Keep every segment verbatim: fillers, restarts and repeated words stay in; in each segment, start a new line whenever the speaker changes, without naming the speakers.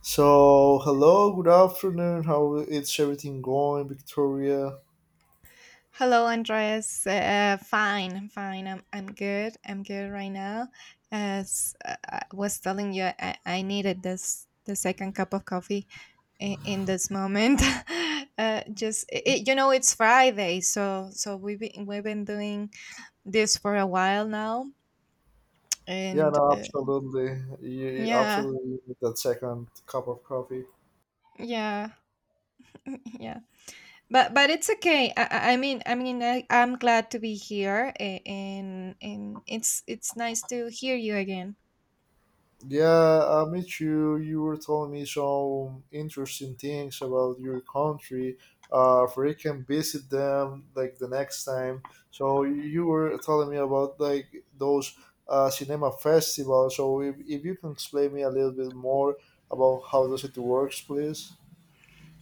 So, hello, good afternoon. How is everything going, Victoria?
Hello, Andreas. Uh, uh, fine, fine. I'm I'm good. I'm good right now. As uh, I was telling you, I, I needed this the second cup of coffee in, in this moment. uh, just it, you know, it's Friday, so so we've been we've been doing this for a while now,
Yeah,
and
no,
uh,
absolutely. You
yeah,
absolutely need that second cup of coffee.
yeah, yeah. But but it's okay. I, I I mean I mean I, I'm glad to be here, a- and and it's it's nice to hear you again.
Yeah, I met you. You were telling me some interesting things about your country. Uh, if we can visit them like the next time. So you were telling me about like those uh, cinema festivals. So if, if you can explain me a little bit more about how does it works, please.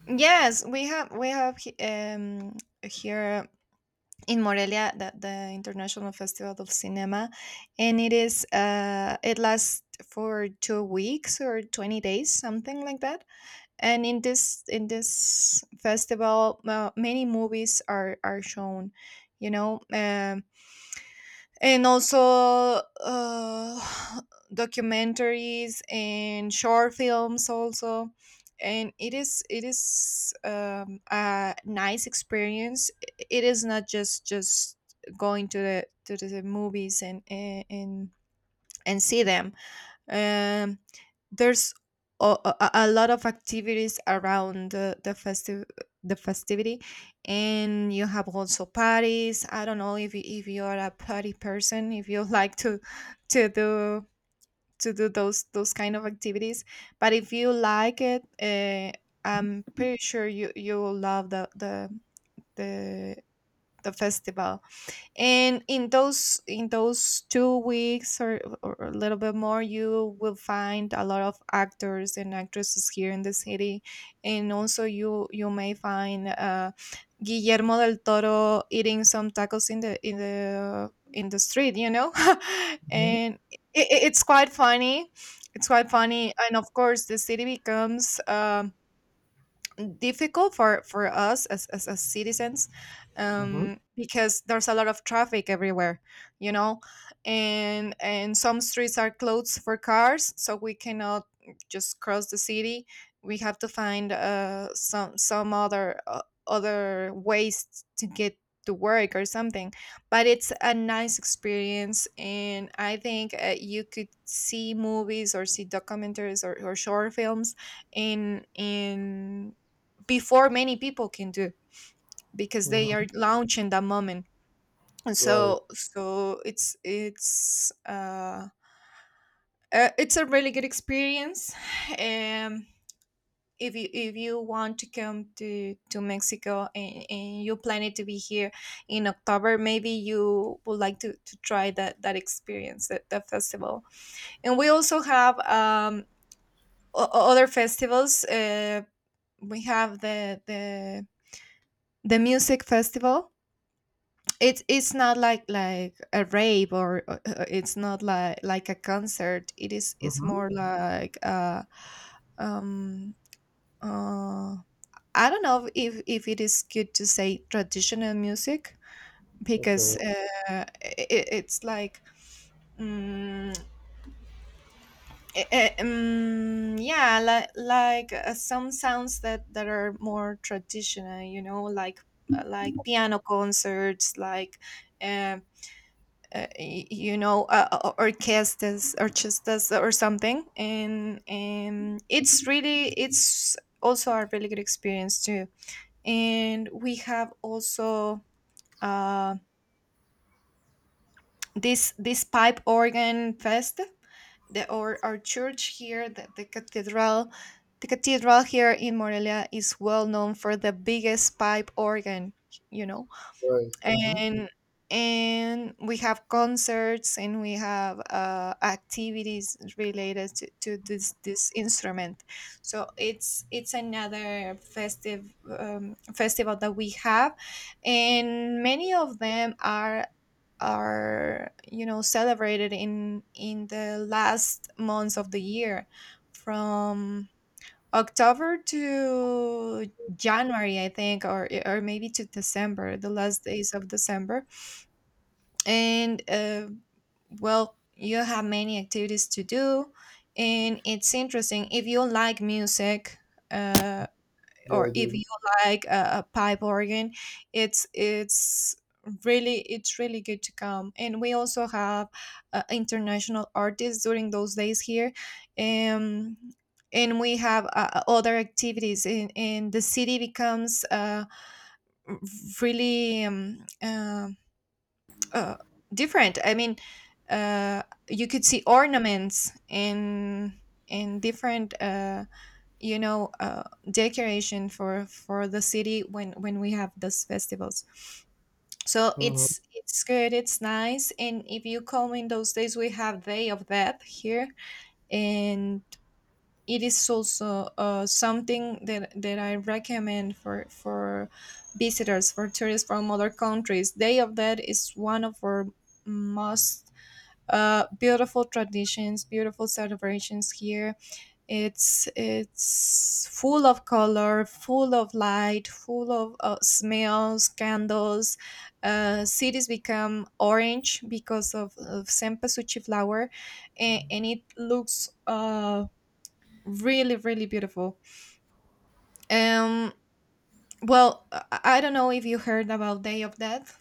Yes, we have we have he- um, here in Morelia the, the International Festival of Cinema, and it is uh, it lasts for two weeks or twenty days, something like that. And in this in this festival, uh, many movies are are shown. You know, um, and also uh, documentaries and short films also, and it is it is um, a nice experience. I- it is not just just going to the to the movies and and and and see them, um, there's a, a, a lot of activities around the, the festive the festivity, and you have also parties. I don't know if you, if you are a party person, if you like to to do to do those those kind of activities. But if you like it, uh, I'm pretty sure you you will love the the the the festival. And in those in those two weeks, or, or a little bit more, you will find a lot of actors and actresses here in the city. And also you you may find uh, Guillermo del Toro eating some tacos in the in the in the street, you know. And it, it's quite funny it's quite funny. And of course the city becomes, um, difficult for for us as as, as citizens,
Mm-hmm.
um, because there's a lot of traffic everywhere, you know. And and some streets are closed for cars, so we cannot just cross the city. We have to find uh some some other uh, other ways to get to work or something. But it's a nice experience, and I think uh, you could see movies or see documentaries, or, or short films in in before many people can, do because they
Mhm.
are launching that moment. And
Right.
so so it's it's uh, uh it's a really good experience. Um, if you, if you want to come to to Mexico, and, and you plan it to be here in October, maybe you would like to to try that that experience, that, that festival. And we also have, um o- o- other festivals. Uh we have the the the music festival. It's it's not like like a rave, or uh, uh, it's not like like a concert. It is it's
Mhm.
more like, uh um uh I don't know if if it is good to say traditional music,
Okay.
because uh it, it's like, mm, eh, eh, um, yeah, like, like uh, some sounds that that are more traditional, you know, like, uh, like piano concerts, like, um uh, y- you know, uh, uh, orchestras orchestras or something. And and it's really, it's also a really good experience too. And we have also, uh, this this pipe organ fest. The our, our church here, the, the cathedral the cathedral here in Morelia, is well known for the biggest pipe organ, you know.
Right. Mhm.
And and we have concerts, and we have uh, activities related to, to this this instrument. So it's it's another festive, um, festival that we have. And many of them are are you know, celebrated in in the last months of the year, from October to January, I think, or or maybe to December, the last days of December. And uh, well, you have many activities to do, and it's interesting if you like music. Uh,
Yeah, I
or if
do.
you like a, a pipe organ, it's it's really it's really good to come. And we also have uh, international artists during those days here, um, and we have uh, other activities in, in the city. Becomes, uh, r- really um, uh, uh, different. I mean, uh, you could see ornaments in in different, uh, you know uh, decoration for for the city when when we have those festivals. So
Mhm.
it's it's good, it's nice. And if you come in those days, we have Day of Death here. And it is also, uh, something that that I recommend for for visitors, for tourists from other countries. Day of Death is one of our most, uh, beautiful traditions, beautiful celebrations here. It's it's full of color, full of light, full of uh, smells, candles. Uh, cities become orange because of, of cempasúchil flower, and, and it looks, uh, really really beautiful. Um, well, I, I don't know if you heard about Day of Death.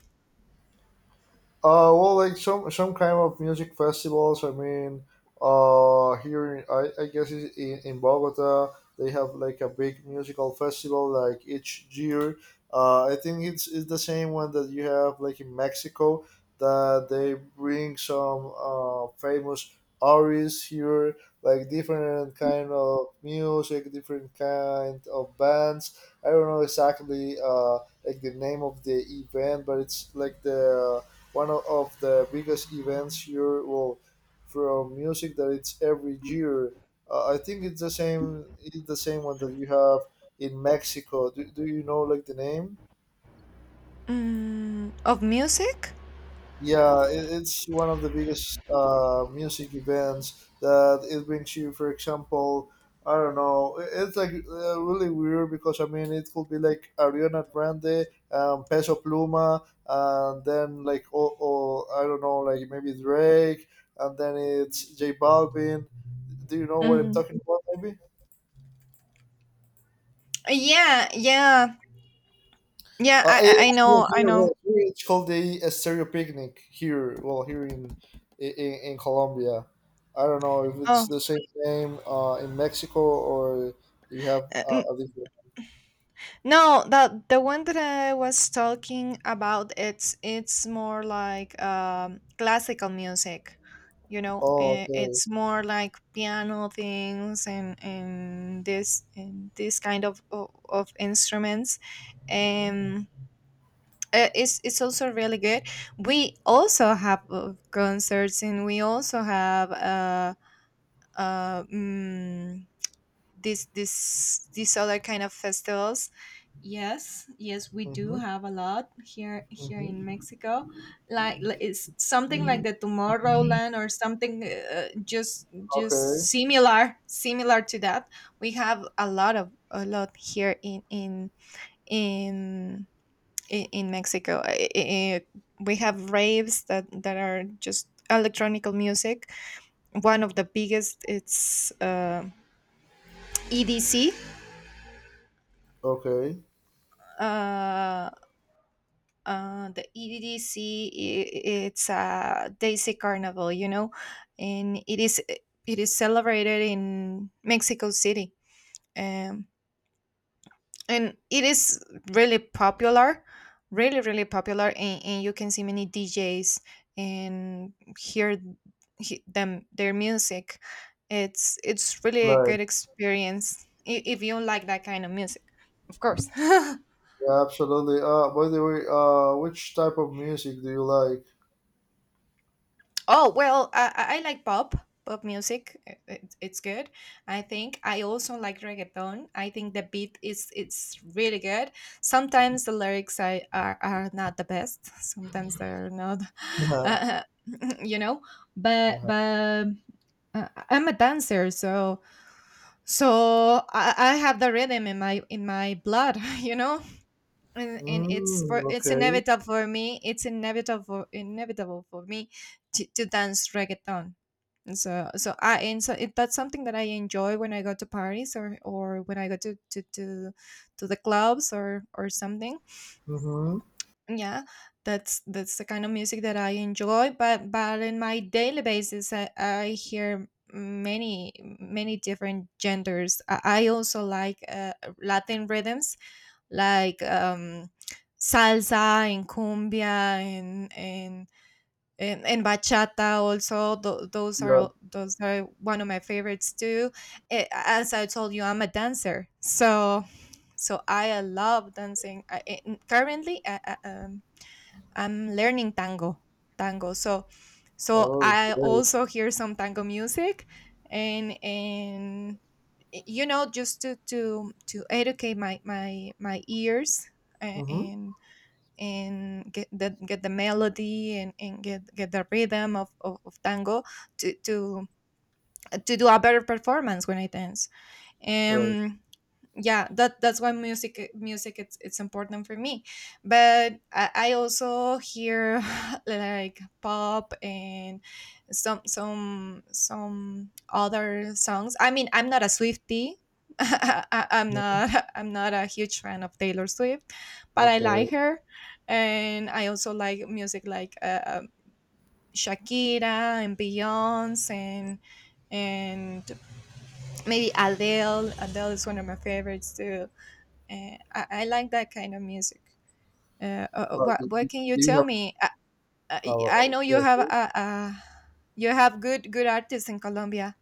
Uh, well, like some some kind of music festivals. I mean, uh, here in, I, I guess it's in, in Bogota, they have like a big musical festival like each year. Uh, I think it's, it's the same one that you have like in Mexico, that they bring some uh, famous artists here, like different kind of music, different kind of bands. I don't know exactly uh, like the name of the event, but it's like the one of the biggest events here. Well, from music that it's every year. Uh, I think it's the same. It's the same one that you have in Mexico. Do, do you know like the name?
Mm, of music.
Yeah, it, it's one of the biggest uh, music events that it brings you. For example, I don't know, i- it's like uh, really weird because I mean it could be like Ariana Grande, um, Peso Pluma, and then like oh, oh I don't know, like maybe Drake, and then it's J Balvin. Do you know what I'm
Mm.
talking about? Maybe.
Yeah, yeah. Yeah,
Uh, eh,
I I I
it's, well,
know, I
here,
know.
well, here it's called a, a stereo picnic here. Well, here in, in in Colombia, I don't know if it's
Oh,
the same name uh, in Mexico, or you have
uh, n-
uh, a different.
no, the the one that I was talking about, it's it's more like, um, classical music, you know.
Oh,
eh,
okay.
It's more like piano things, and and this and this kind of of, of instruments.
Hmm.
Um, eh, it's it's also really good. We also have uh, concerts, and we also have uh uh. mm, this this these other kind of festivals. Yes, yes, we do
Hmm.
have a lot here, here in
Hmm.
Mexico. Like li- it's something like the Tomorrowland or something, uh, just just
Okay.
similar similar to that. We have a lot, of a lot here in in in in, in Mexico. I- I- I- we have raves that that are just electronic music. One of the biggest it's, uh, E D C.
Okay.
Uh, Uh, the E D C, it's a Daisy Carnival, you know, and it is, it is celebrated in Mexico City, um, and it is really popular, really really popular. and, and you can see many D Js and hear he- them, their music. It's it's really a
Right.
good experience, i- if you like that kind of music, of course.
Yeah, absolutely. Uh, by the way, uh, which type of music do you like?
Oh, well, I, I I like pop, pop music. It, it- it's good. I think I also like reggaeton. I think the beat is, it's really good. Sometimes the lyrics are are, are not the best. Sometimes they're not,
Uh-huh.
uh, you know. But
Uh-huh.
but uh, I'm a dancer, so so I, I have the rhythm in my, in my blood, you know. And and it's for
Mm,
it's
okay.
inevitable for me. It's inevitable inevitable for me to, to dance reggaeton. And so so I and so it, That's something that I enjoy when I go to parties, or or when I go to to to, to the clubs, or or something.
Mm-hmm.
Yeah, that's that's the kind of music that I enjoy. But but in my daily basis, I, I hear many, many different genders. I, I also like, uh, Latin rhythms, like, um, salsa and cumbia, and and and, and bachata also. Tho- those are
Yeah.
all- those are one of my favorites too. Eh, as I told you, I'm a dancer, so so I, uh, love dancing. I, I- currently I, I, um, I'm learning tango, tango so so
Oh,
I
great.
also hear some tango music. And, and y- you know, just to to to educate my, my, my ears, a-
Mm-hmm.
and and get the, get the melody, and, and get get the rhythm of, of, of tango, to, to to do a better performance when I dance.
Right.
Um, yeah, that that's why music, music it's it's important for me. But i, I also hear like pop, and some, some some other songs. I mean, I'm not a Swiftie. I, I'm
Mhm.
not I'm not a huge fan of Taylor Swift, but I
Okay.
like her. And I also like music like, uh, uh, Shakira and Beyonce, and and maybe adele Adele is one of my favorites too. Uh, I, I like that kind of music. Uh, uh,
Uh,
what
do, do
what can you
do you
tell
have
me? I, I,
Uh,
I know you
yes.
have a, a, you have good, good artists in Colombia.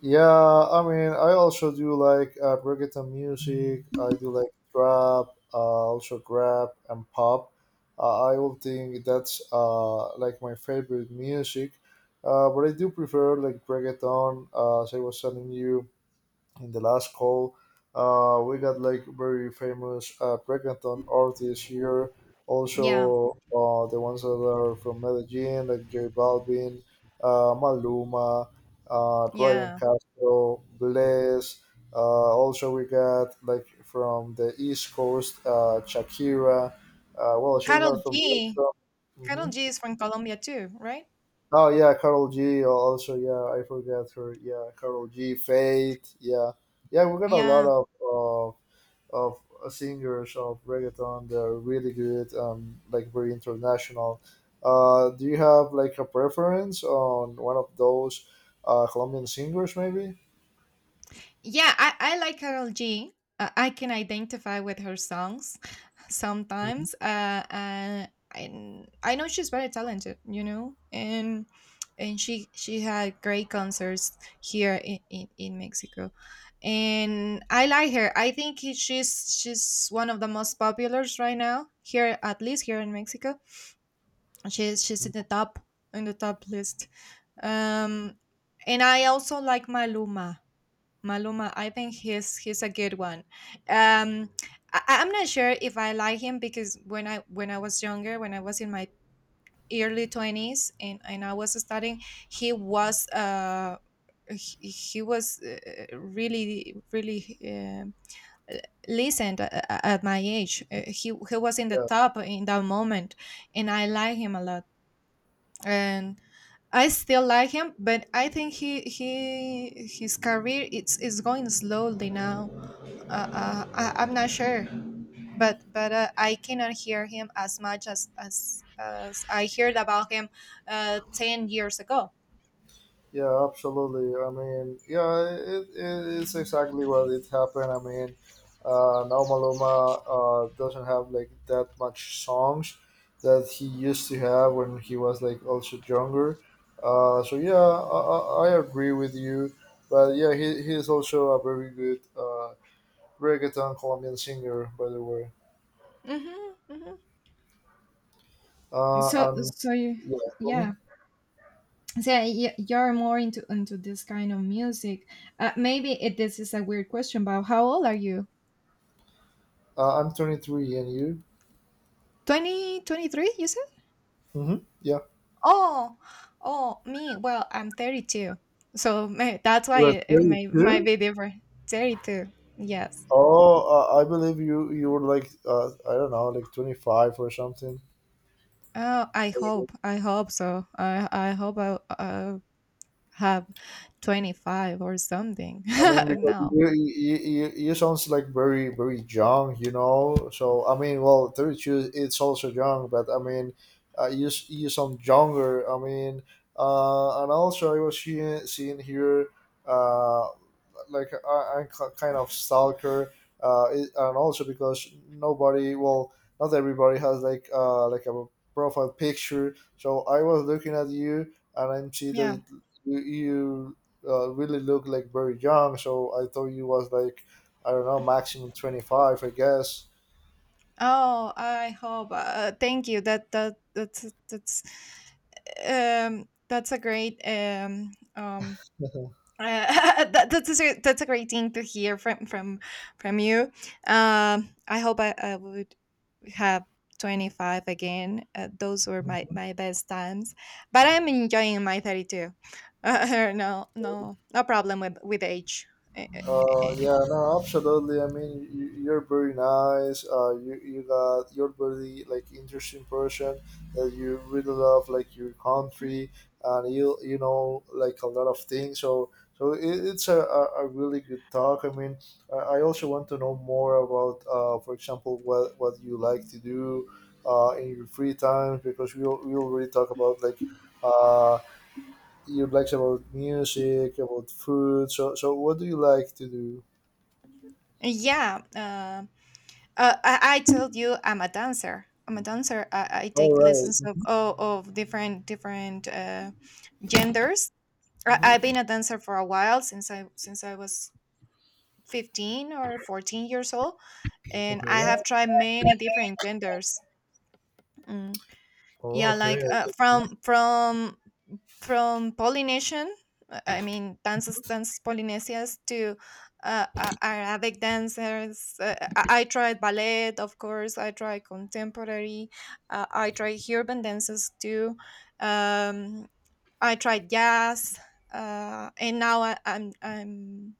Yeah, I mean, I also do like uh, reggaeton music. I do like trap, uh, also rap and pop. Uh, I would think that's uh, like my favorite music. Uh, but I do prefer like reggaeton, uh, as I was telling you in the last call. Uh, we got like very famous uh, reggaeton artists here.
Yeah,
Also, uh, the ones that are from Medellin, like J Balvin, uh, Maluma, uh, Ryan
yeah.
Castro, Bless. Uh, also, we got like from the East Coast, uh, Shakira. Uh, well, she's
Carol
not from
G.
reggaeton.
Carol
Mhm.
G is from Colombia too, right?
Oh yeah, Carol G. Also yeah, I forgot her. Yeah, Carol G. Faith. Yeah, yeah. We got a lot
Yeah,
of of of singers of reggaeton. They're really good. Um, like very international. Uh, do you have like a preference on one of those uh, Colombian singers, maybe?
yeah. I I like Carol G. Uh, I can identify with her songs
Mhm.
sometimes, uh, uh, and I know she's very talented, you know. And and she she had great concerts here in, in, in Mexico, and I like her. I think he- she's she's one of the most populars right now, here, at least here in Mexico. She's she's in the top, in the top list. Um, and I also like maluma maluma I think he's he's a good one. Um, I, I'm not sure if I like him, because when I, when I was younger, when I was in my early twenties, and, and I was studying, he was, uh he, he was, uh, really, really, um, listened a- a- at my age. Uh, he he was in the
Yeah.
top in that moment, and I like him a lot and I still like him, but I think he he his career it's is going slowly now. Uh, uh, I, I'm not sure, but but uh, I cannot hear him as much as as, as I heard about him uh, ten years ago.
Yeah, absolutely. I mean, yeah, it, it, it's exactly what it happened. I mean, uh, now Maluma uh, doesn't have like that much songs that he used to have when he was like also younger. Uh, so yeah, I, I I agree with you. But yeah, he, he is also a very good uh, reggaeton Colombian singer, by the way.
Hmm, hmm.
Uh,
So
and
so you,
yeah, tell
yeah.
me.
So y- you're more into into this kind of music. Uh, maybe it, this is a weird question, but how old are you?
Uh, I'm twenty three, and you?
Twenty twenty three, you?
Mm-hmm. Yeah,
Oh, oh, me. Well, I'm thirty-two, so may, that's why
you're
it, it may might
thirty two.
be different. thirty-two, yes.
Oh, uh, I believe you. You were like uh, I don't know, like twenty five or something.
Oh, I hope, I hope so. I I hope I uh, have twenty-five or something
I mean, because
now.
you, you you you sounds like very very young, you know. So I mean, well, thirty two it's also young, but I mean, uh, you s- you sound younger. I mean, uh, and also I was seeing seeing here uh, like I, I'm ki- kind of stalker, uh, it, and also because nobody, well, not everybody has like uh like a profile picture. So I was looking at you, and I see
Yeah.
that you, you uh, really look like very young. So I thought you was like I don't know maximum twenty five, I guess.
Oh, I hope. Uh, thank you. That that that's that's um that's a great um um Uh, that, that's a, that's a great thing to hear from from from you. Um, I hope I, I would have twenty-five again. Uh, those were my my best times, but I'm enjoying my thirty-two. Uh, no no no problem with with age. Eh, eh,
Uh,
eh.
yeah, no, absolutely. I mean, you, you're very nice. Uh, you you got you're very like interesting person that you really love like your country, and you you know like a lot of things. So so it, it's a, a, a really good talk. I mean, I, I also want to know more about uh, for example, what what you like to do uh, in your free time because we al- we already talk about like uh you likes about music, about food. So so what do you like to do?
Yeah, uh, uh, I, I told you I'm a dancer. I'm a dancer. I, I
All
take
right.
lessons of oh, of different different uh, genders. I, I've
Hmm.
been a dancer for a while since I since I was fifteen or fourteen years old, and I have
Okay.
tried many different genders. mm.
Oh,
Yeah, like,
okay.
uh, from from from polynesian, uh, I mean, dances dances polynesias, to uh, uh, arabic dancers. uh, i I tried ballet, of course. I tried contemporary, uh, I tried urban dances too. um I tried jazz, uh, and now, I, I'm I'm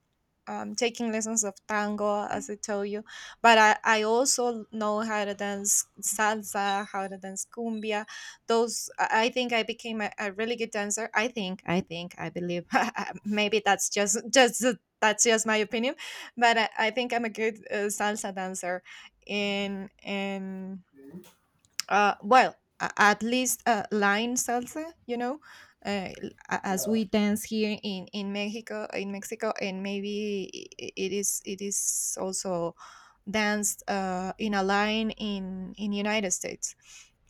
um, taking lessons of tango, as I told you. But I, I also know how to dance salsa, how to dance cumbia. Those, I I think, I became a, a really good dancer. I think I think I believe, maybe that's just just that's just my opinion, but I, I think I'm a good uh, salsa dancer. And and uh, well, a- at least, uh, line salsa, you know, uh, l- a- as
Yeah,
we dance here in in Mexico, in Mexico, and maybe i- i- it is it is also danced uh, in a line in in United States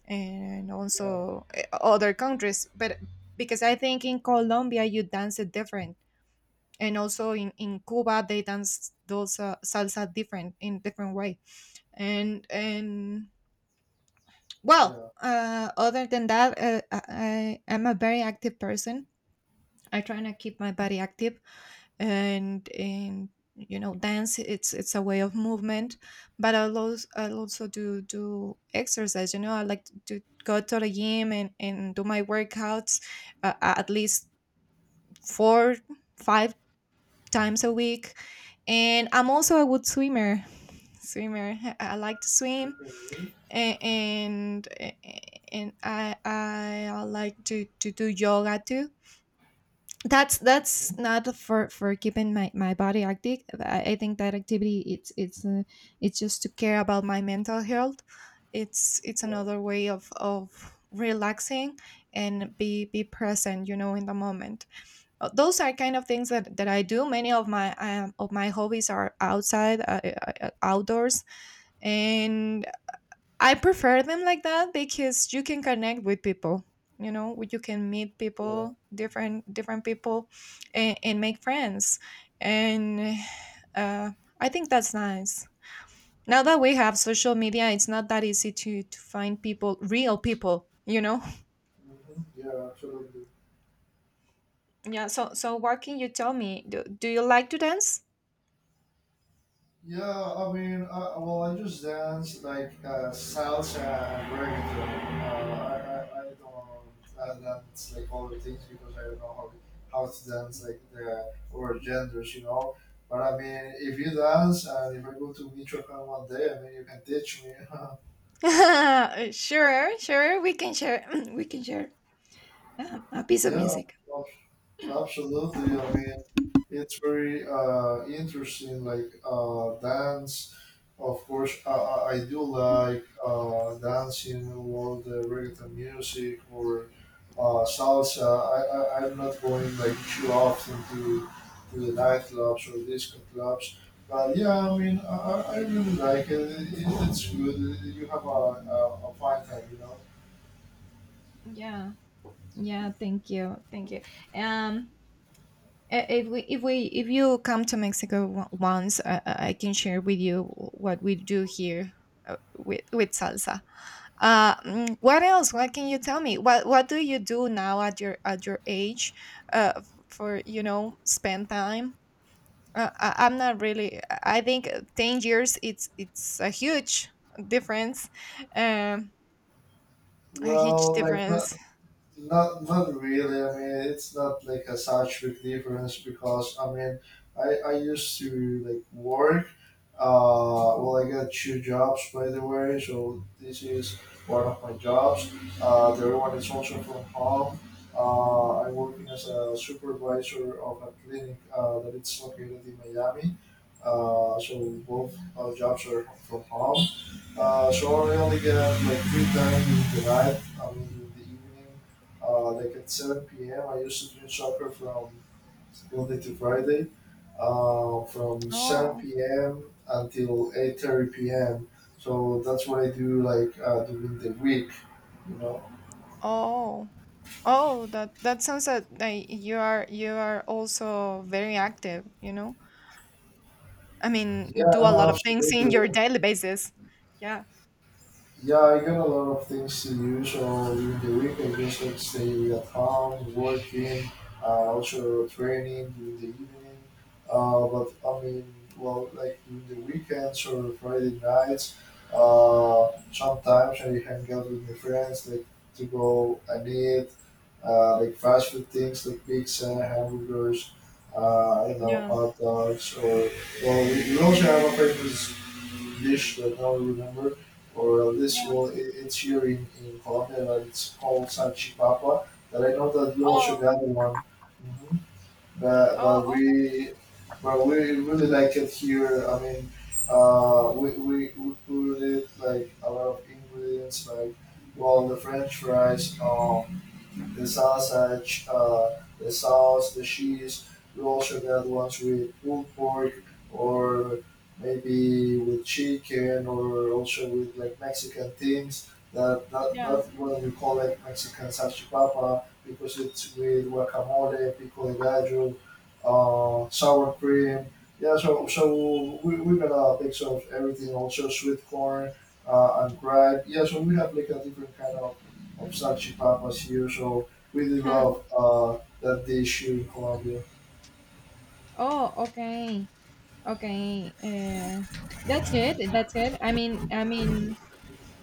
and
yeah,
also uh, other countries. But because I think in Colombia you dance it different, and also in in Cuba they dance those uh, salsa different in different way, and and well,
yeah.
uh, other than that, uh, I, I- I'm a very active person. I try to keep my body active, and and you know, dance it's it's a way of movement. But I'll also, I'll also do do exercise. You know, I like to go to the gym and and do my workouts, uh, at least four five times a week. And I'm also a good swimmer. Swimmer, I I like to swim,
Okay.
a- and and I I like to to do yoga too. That's that's not for for keeping my my body active. I, I think that activity it's it's uh, it's just to care about my mental health. It's it's
Yeah,
another way of of relaxing and be be present, you know in the moment. Uh, those are kind of things that that I do. Many of my um, of my hobbies are outside uh, uh, uh, outdoors, and I prefer them like that because you can connect with people. You know, wh- you can meet
yeah,
people, different different people, and, and make friends. And uh, I think that's nice. Now that we have social media, it's not that easy to to find people, real people. You know.
hmm, yeah, absolutely.
Yeah. So so what can you tell me? Do, do you like to dance?
Yeah, I mean, uh, well, I just dance like uh, salsa and reggaeton. Uh, I, I, I don't uh, dance like other things because I don't know how, how to dance like the or genders, you know. But I mean, if you dance and if I go to Michoacan one day, I mean, you can teach me.
Sure, sure. We can share. We can share um, a piece of
Yeah,
music.
ab- absolutely. I mean, it's very uh, interesting. Like uh, dance, of course. I, I I do like uh, dancing, all the reggaeton music or uh, salsa. I, I I'm not going like too often to to the nightclubs or disco clubs. But yeah, I mean, I, I I really like it. it. It's good. You have a, a, a fine time, you know.
Yeah. Yeah. Thank you. Thank you. Um. Uh, if we if we if you come to Mexico w- once, uh, uh, I can share with you what we do here, uh, with with salsa. Uh, mm, what else? What can you tell me? What what do you do now at your at your age, uh, for you know spend time? Uh, I, I'm not really. I think uh, ten years it's it's a huge difference, um, a huge
Well, like not
difference.
Not not really. I mean, it's not like a such big difference because I mean, I I used to like work. Uh, well, I got two jobs, by the way, so this is one of my jobs. Uh, the other one is also from home. Uh, I'm working as a supervisor of a clinic uh, that it's located in Miami. Uh, so both our jobs are from home. Uh, so I only get like free time in the night, I mean in the evening, uh, like at seven p m. I used to drink soccer from Monday to Friday. Uh, from
Oh
seven p m until eight thirty p m. So that's what I do like uh, during the week. You know?
oh Oh, that that sounds that like you are you are also very active, you know? I
Yeah,
mean, do a lot
no,
of things in your
absolutely.
daily basis. Yeah.
Yeah, I got a lot of things to do. So during the week, I just like stay at home, working, uh, also training during the evening. Uh, but I mean, well, like during the weekends or Friday nights, uh, sometimes I hang out with my friends, like to go and eat, uh, like fast food things like pizza, hamburgers, uh, you know,
Yeah.
hot dogs, or well, we we also have a famous dish that I don't remember or uh, this
Yeah.
one, it, it's here in, in Colombia, but it's called Salchipapa. That I know that you
Oh,
also got one, hmm, but
oh,
but
oh
we, but we really like it here. I mean, uh, we, we we put it like a lot of ingredients, like well, the French fries. Um, the sausage, uh, the sauce, the cheese. You also get ones with pulled pork, or maybe with chicken, or also with like Mexican things. That that
yeah.
that one we call like Mexican salchipapa because it's with guacamole, pico de gallo, uh, sour cream. Yeah, so so we we got a mix of everything. Also sweet corn uh, and gripe. Yeah, so we have like a different kind of of such papas here. So really love uh, that dish here in Colombia.
oh, okay. Okay. Uh, that's good. That's good. I mean, I mean,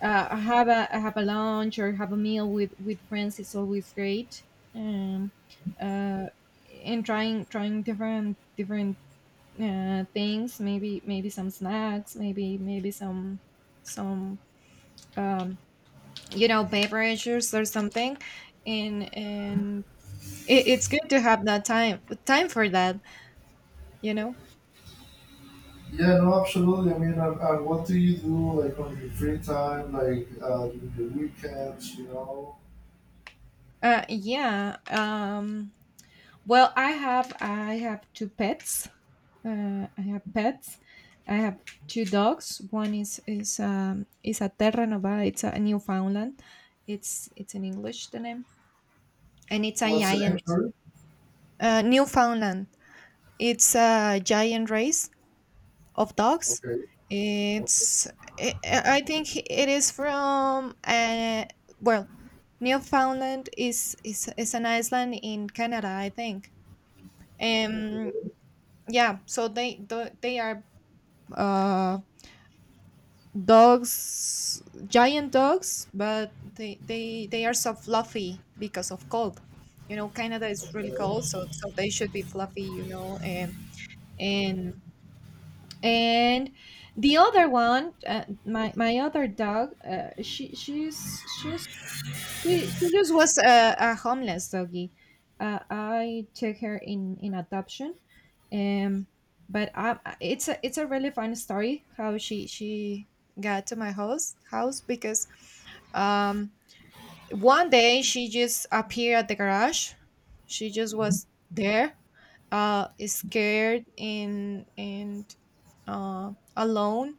uh, have a have a lunch or have a meal with with friends is always great. Um, uh, and trying trying different different uh, things, maybe maybe some snacks, maybe maybe some some um, you know beverages or something, and and it, it's good to have that time time for that you know.
Yeah, no, absolutely. I mean, and, and what do you do like on your free time, like uh, during the weekends? You know,
Uh, yeah. Um, well, I have I have two pets. uh, i have pets I have two dogs. One is is um is a terra nova. It's a newfoundland. It's it's in English, the name, and it's a
what's the name?
giant
Sorry.
uh, newfoundland. It's a giant race of dogs.
Okay. Okay.
It's I I think it is from, uh, well, Newfoundland is, is is an island in Canada, I think. Um,
Okay.
yeah, so they tho- they are uh dogs, giant dogs, but they they they are so fluffy because of cold. You know, Canada is really
Okay.
cold, so so they should be fluffy. You know. And and and the other one, uh, my my other dog, uh, she she's she's she, she just was a, a homeless doggy. uh, I took her in in adoption. um but I, I- it's a it's a really fun story how she she got to my house house, because um one day she just appeared at the garage. She just
Mhm.
was there, uh scared and, and uh alone.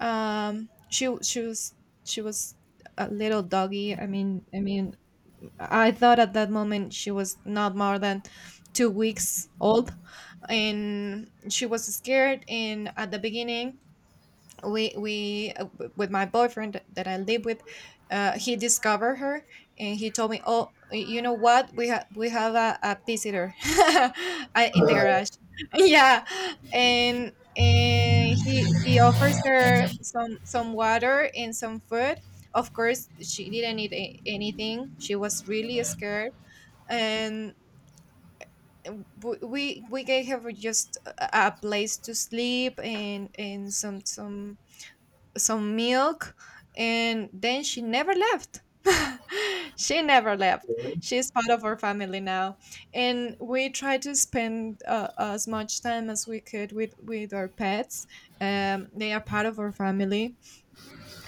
Um she w- she was she was a little doggy. I mean i mean I thought at that moment she was not more than two weeks old. And she was scared, and at the beginning, we we uh, w- with my boyfriend that I live with, uh, he discovered her and he told me, "Oh, you know what? We have we have a, a visitor I- in the
Uh,
garage." Yeah, and and he he offers her some some water and some food. Of course, she didn't eat a- anything. She was really scared, and w- we we gave her just a a place to sleep and and some some some milk. And then she never left. She never left.
okay.
She's part of our family now, and we try to spend uh, as much time as we could with with our pets. Um, they are part of our family,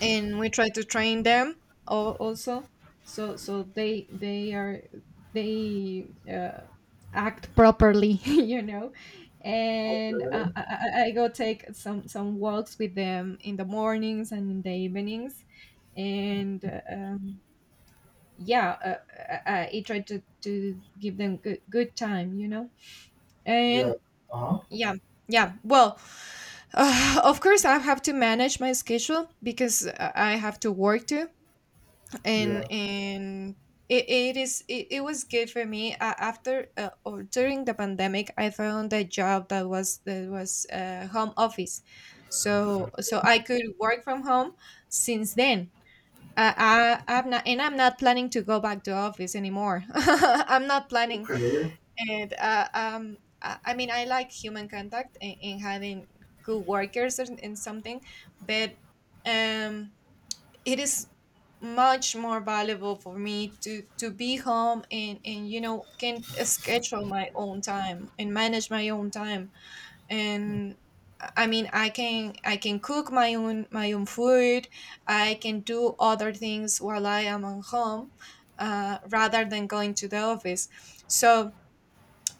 and we try to train them al- also, so so they they are they uh, act properly, you know. And uh,
Okay.
I, I I go take some some walks with them in the mornings and in the evenings, and uh, um, yeah. uh, I, I try to to give them good good time, you know.
Yeah.
And
Uh huh.
yeah yeah well, uh, of course I have to manage my schedule, because I have to work too. and
Yeah.
and it, it is it, it was good for me, uh, after, uh, or during, the pandemic, I found a job that was that was uh, home office, so so I could work from home since then. uh, I, i'm not and I'm not planning to go back to office anymore. I'm not planning
Okay.
and uh, um i I mean, I like human contact and, and having good workers and, and something, but um it is much more valuable for me to to be home, and and you know can schedule my own time and manage my own time. And I mean, i can i can cook my own my own food. I can do other things while I am at home, uh, rather than going to the office. So,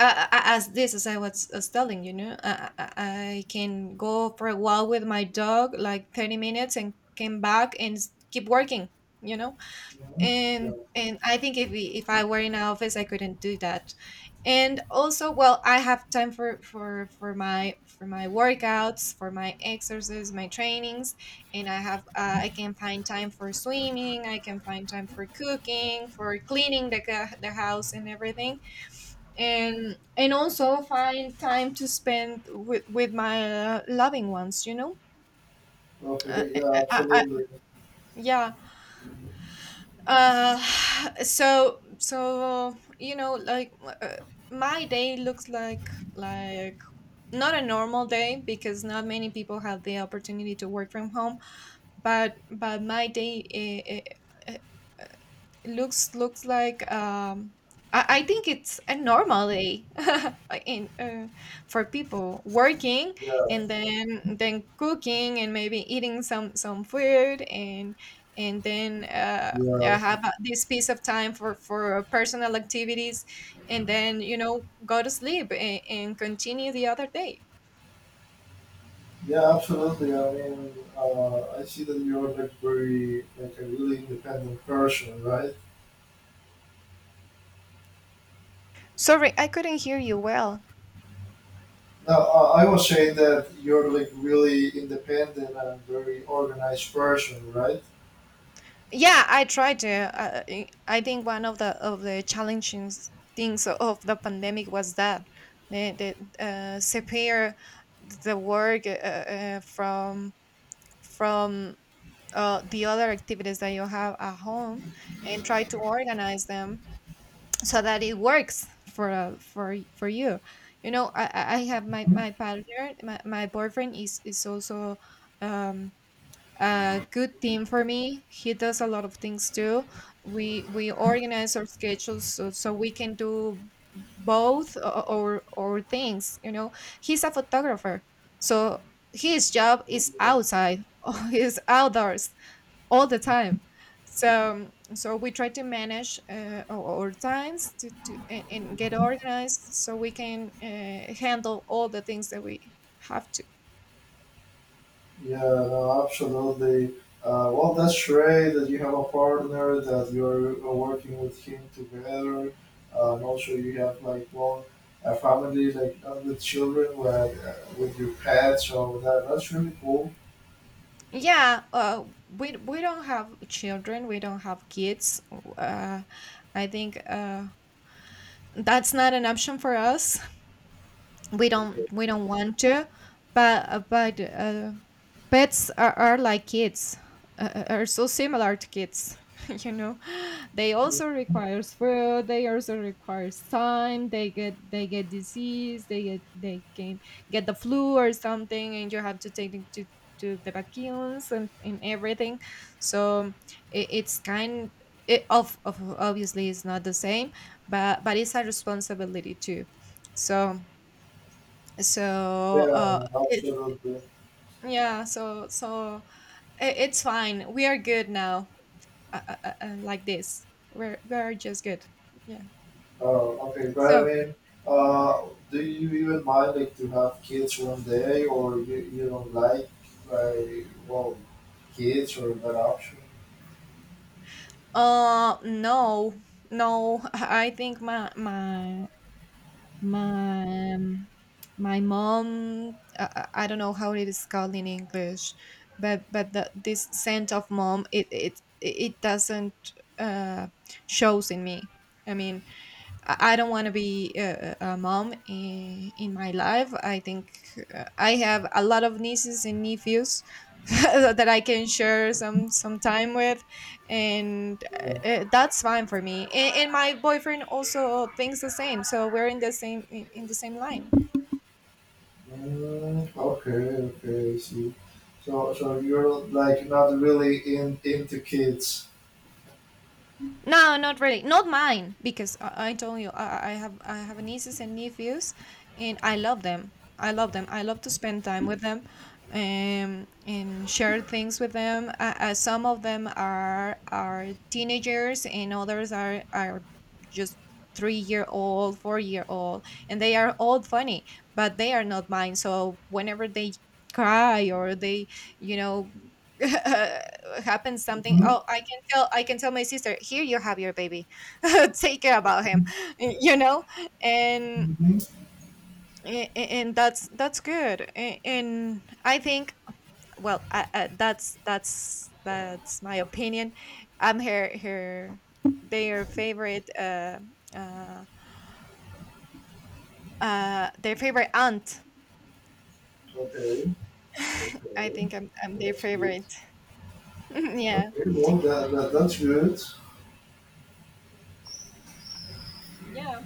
uh, uh, uh, as this as I was was telling you know I, I I can go for a walk with my dog like thirty minutes and came back and s- keep working, you know.
Mhm. Yeah.
And and I think, if we, if I were in an office, I couldn't do that. And also, well, I have time for for for my for my workouts, for my exercises, my trainings, and I have, uh, I can find time for swimming, I can find time for cooking, for cleaning the, ca- the house and everything, and and also find time to spend with with my uh, loving ones, you know. uh,
Okay.
I,
Yeah.
I, I,
Absolutely.
yeah. uh so so, you know, like, uh, my day looks like like not a normal day, because not many people have the opportunity to work from home. But but my day, Uh, looks looks like, um I, I think it's a normal day, in uh, for people working,
Yeah.
and then then cooking and maybe eating some some food, and and then uh,
Yeah.
uh, have a- this piece of time for for personal activities, and then you know go to sleep and, and continue the other day.
Yeah, absolutely. I mean, uh, I see that you're like very like a really independent person, right?
Sorry, I couldn't hear you well.
Now, uh, I was saying that you're like really independent and very organized person, right?
Yeah, I tried to. Uh, I I think one of the of the challenging things of the pandemic was that the the uh, separate the work uh, uh, from from uh, the other activities that you have at home and try to organize them so that it works for uh, for y- for you. You know I I I have my my partner, my, my boyfriend, is is also um a good team for me. He does a lot of things too. We we organize our schedules, so, so we can do both, o- or or things, you know. He's a photographer, so his job is
Okay.
outside is outdoors all the time. So so we try to manage uh, our, our times to, to and, and get organized so we can uh, handle all the things that we have to.
Yeah, no, absolutely. Uh, well, that's great that you have a partner that you're uh, working with him together. Uh, and also, you have like one, a family like uh, with children, like uh, with your pets. So that that's really cool.
Yeah, uh, we we don't have children, we don't have kids. Uh, I think uh, That's not an option for us. We don't we don't want to. But uh, but uh, pets are, are like kids. Uh, uh, are so similar to kids you know. They also requires food, they also requires time, they get they get disease, they get they can get the flu or something, and you have to take them to to the vacuums and, and everything. So it, it's kind it of, of obviously it's not the same, but but it's a responsibility too. So, so uh
Yeah,
it,
absolutely.
yeah. so so I- It's fine. We are good now. Uh, uh, uh, uh, like this, we're we're just good. Yeah.
Uh, okay, but I
So,
mean, uh, do you even mind like to have kids one day, or you, you don't like like well, kids or that option?
uh, no, no. I think my my my um, my mom, I, I don't know how it is called in English, but but the, this scent of mom, it it it doesn't uh shows in me. I mean, I I don't want to be a, a mom in, in my life. I think uh, I have a lot of nieces and nephews that I can share some some time with, and
Yeah.
uh, uh, that's fine for me. And, and my boyfriend also thinks the same, so we're in the same, in, in the same line.
Mm, okay, okay, I see. So so you're like not really in into kids.
No, not really. Not mine, because I, I told you I, I have I have nieces and nephews, and I love them. I love them. I love to spend time with them, um, and share things with them. Uh, uh, some of them are are teenagers, and others are are just three year old, four year old, and they are all funny, but they are not mine. So whenever they cry or they, you know, happens something.
Mm-hmm.
Oh, I tell I can tell my sister, "Here you have your baby. Take care about him." y- You know? And
Mm-hmm.
a- a- and that's that's good. A- And I think, well, I, I, that's that's that's my opinion. I'm her her their favorite uh uh uh their favorite aunt.
Okay,
I
okay,
think I'm I'm their
that's good.
favorite. Yeah.
Okay, well that, that that's good.
Yeah.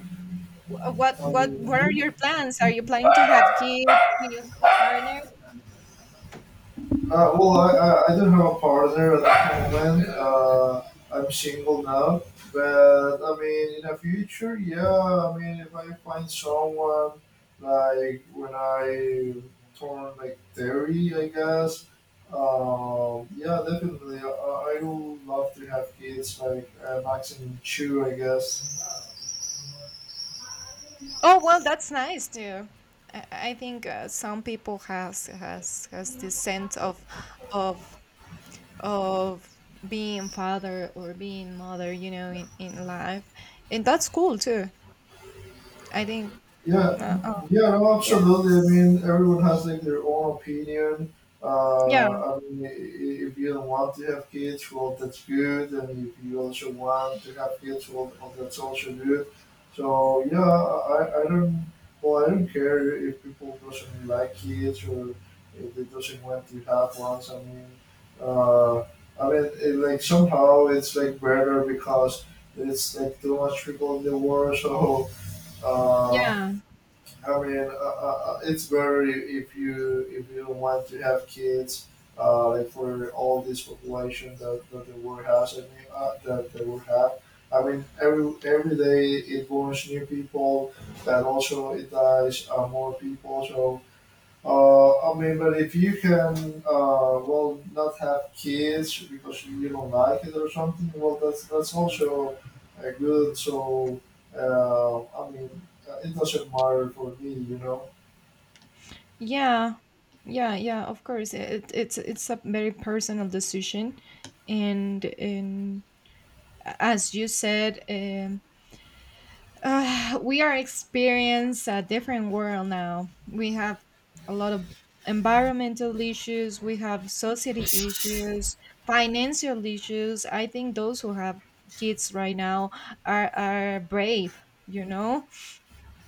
Wh- What
I
what what are
mean,
your plans? Are you planning to have kids? Do you have a partner?
Uh, well, I, I, I don't have a partner at the moment. Uh, I'm single now. But, I mean, in the future, yeah, I mean, if I find someone, like, when I turn, like, thirty, I guess, um, yeah, definitely. I, I I would love to have kids, like, uh, maximum two, I guess.
Oh well, that's nice too. I, I think uh, some people has has has this sense of, of of being father or being mother, you know, in in life, and that's cool too. I think.
Yeah,
Uh, oh
yeah, no,
yeah,
absolutely. I mean, everyone has like their own opinion. Uh,
yeah,
I mean, i- i- if you don't want to have kids, well, that's good, and if you also want to have kids, well, well, that's also good. So yeah, I, I don't, well, I don't care if people doesn't like kids or if they doesn't want to have ones. I mean, uh, I mean, it, like somehow it's like better because it's like too much people in the world, so. Uh,
yeah,
I mean, uh, uh, uh, it's better if you if you want to have kids, uh, like for all this population that, that the world has. I mean, uh, that the world have. I mean, every every day it borns new people, and also it dies uh, more people. So uh, I mean, but if you can, uh, well, not have kids because you don't like it or something, well, that's that's also uh, good. So, uh, I mean, uh, it doesn't matter for me, you know.
yeah, yeah, yeah. Of course, it, it's it's a very personal decision, and and as you said, um, uh, we are experiencing a different world now. We have a lot of environmental issues, we have society issues, financial issues. I think those who have kids right now are are brave, you know?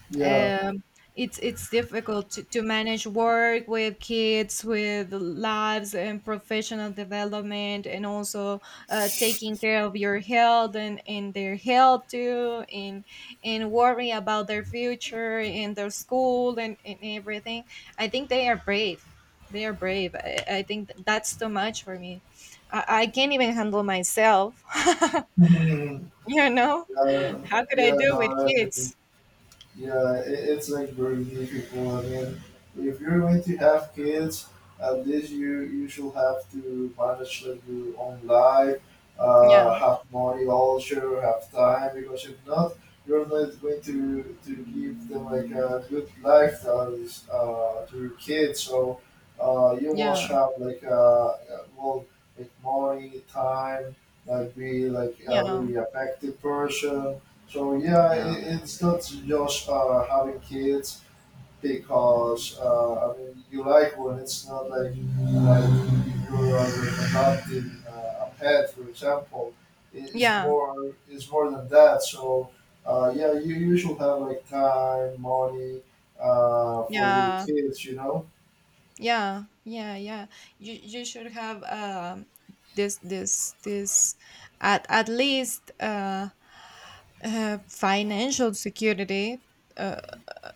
Yeah.
um, it's it's difficult to, to manage work with kids, with lives, and professional development, and also uh, taking care of your health and, and their health too, and and worry about their future and their school and, and everything. I think they are brave, they are brave. i, I think th- that's too much for me. i, I can't even handle myself.
Yeah.
You know. How could I
Yeah.
do with
No.
kids?
Yeah, it, it's like very difficult. I mean, if you're going to have kids, at least you you should have to manage like your own life, uh,
Yeah,
have money also, have time. Because if not, you're not going to to give them like a good lifestyle uh, to your kids. So uh, you must
yeah.
have like uh, uh, well, like money, time, like be like a
Yeah,
very effective person, so yeah,
yeah,
it, it's not just uh, having kids because uh, I mean you like one. It's not like like if you're uh, adopting uh, a pet, for example. It- It's
yeah,
more, it's more than that. So uh, yeah, you, you should have like time, money uh, for your
yeah,
kids. You know.
yeah, yeah, yeah. You you should have um this this this at at least uh, uh financial security uh,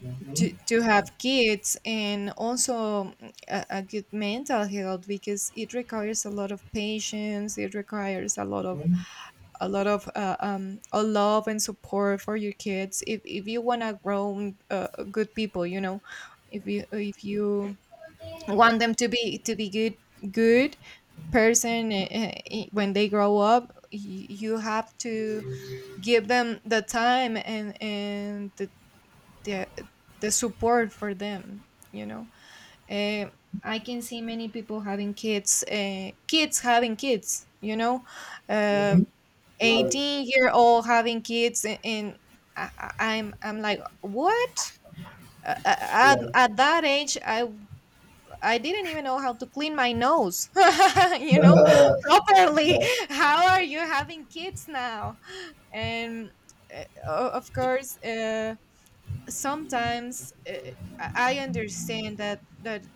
Hmm.
to, to have kids, and also mm, a, a good mental health, because it requires a lot of patience, it requires a lot of
Hmm.
a lot of uh, um, a love and support for your kids, if, if you want to grow uh, good people, you know. If you if you want them to be to be good good person uh, uh, I- when they grow up, y- you have to give them the time and and the the the support for them, you know. Eh, I can see many people having kids, uh, kids having kids, you know. uh,
Hmm. Right.
eighteen year old having kids, and, and I, I- i'm I'm like, what? Uh, uh, at,
Yeah.
at that age i I didn't even know how to clean my nose. You know,
Yeah.
properly.
Right.
How are you having kids now? And uh, o- of course uh sometimes uh, I understand that that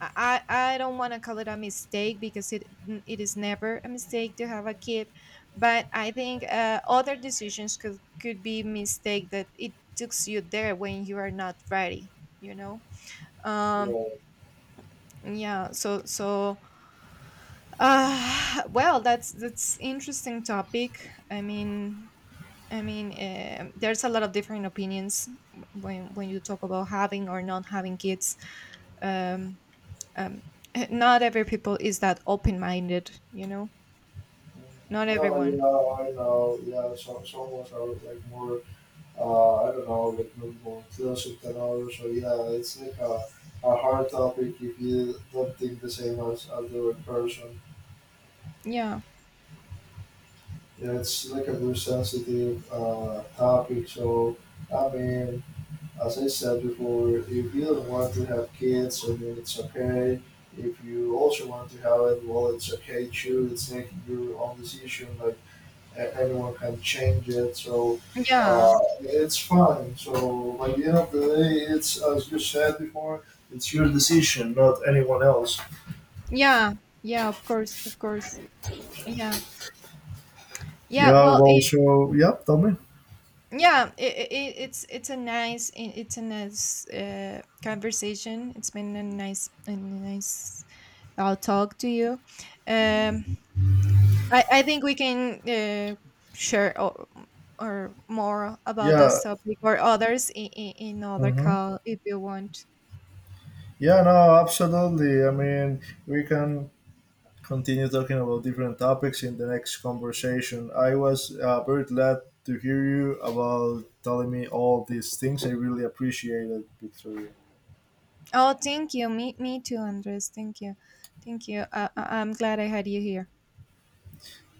I I don't want to call it a mistake, because it it is never a mistake to have a kid, but I think uh, other decisions could could be mistake that it takes you there when you are not ready. You know. Um. Yeah. So so. Uh, well, that's that's interesting topic. I mean. I mean, um there's a lot of different opinions when when you talk about having or not having kids. um, um, eh, Not every people is that open-minded, you know. Not
No, you
everyone.
know, I know. Yeah, some some of us are like more uh, I don't know, like maybe relationship and all. So yeah, it's like a, a hard topic if you don't think the same as other person.
Yeah,
Yeah, it's like a very sensitive uh, topic. So I mean, as I said before, if you don't want to have kids, I mean, it's okay. If you also want to have it, well, it's okay too. It's like your own decision. Like anyone can change it. So
yeah,
uh, it's fine. So by the end of the day, it's as you said before, it's your decision, not anyone else.
yeah, yeah, of course, of course, yeah, yeah,
Yeah.
well
Well.
it,
So yeah. Tell me.
yeah it, it, it's it's a nice I- it's a nice uh, conversation. It's been a nice, a nice I'll talk to you, um I I think we can uh, share or, or more about
Yeah.
this topic or others in, in, in other
Mm-hmm.
call if you want.
Yeah. No. Absolutely. I mean, we can continue talking about different topics in the next conversation. I was uh, very glad to hear you about telling me all these things. I really appreciate it, Victoria.
Oh, thank you. Me, me too, Andres. Thank you. Thank you. Uh, I- I'm glad I had you here.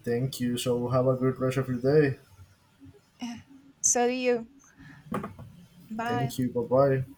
Thank you. So have a good rest of your day.
So do you.
Thank
Bye.
you. Bye bye.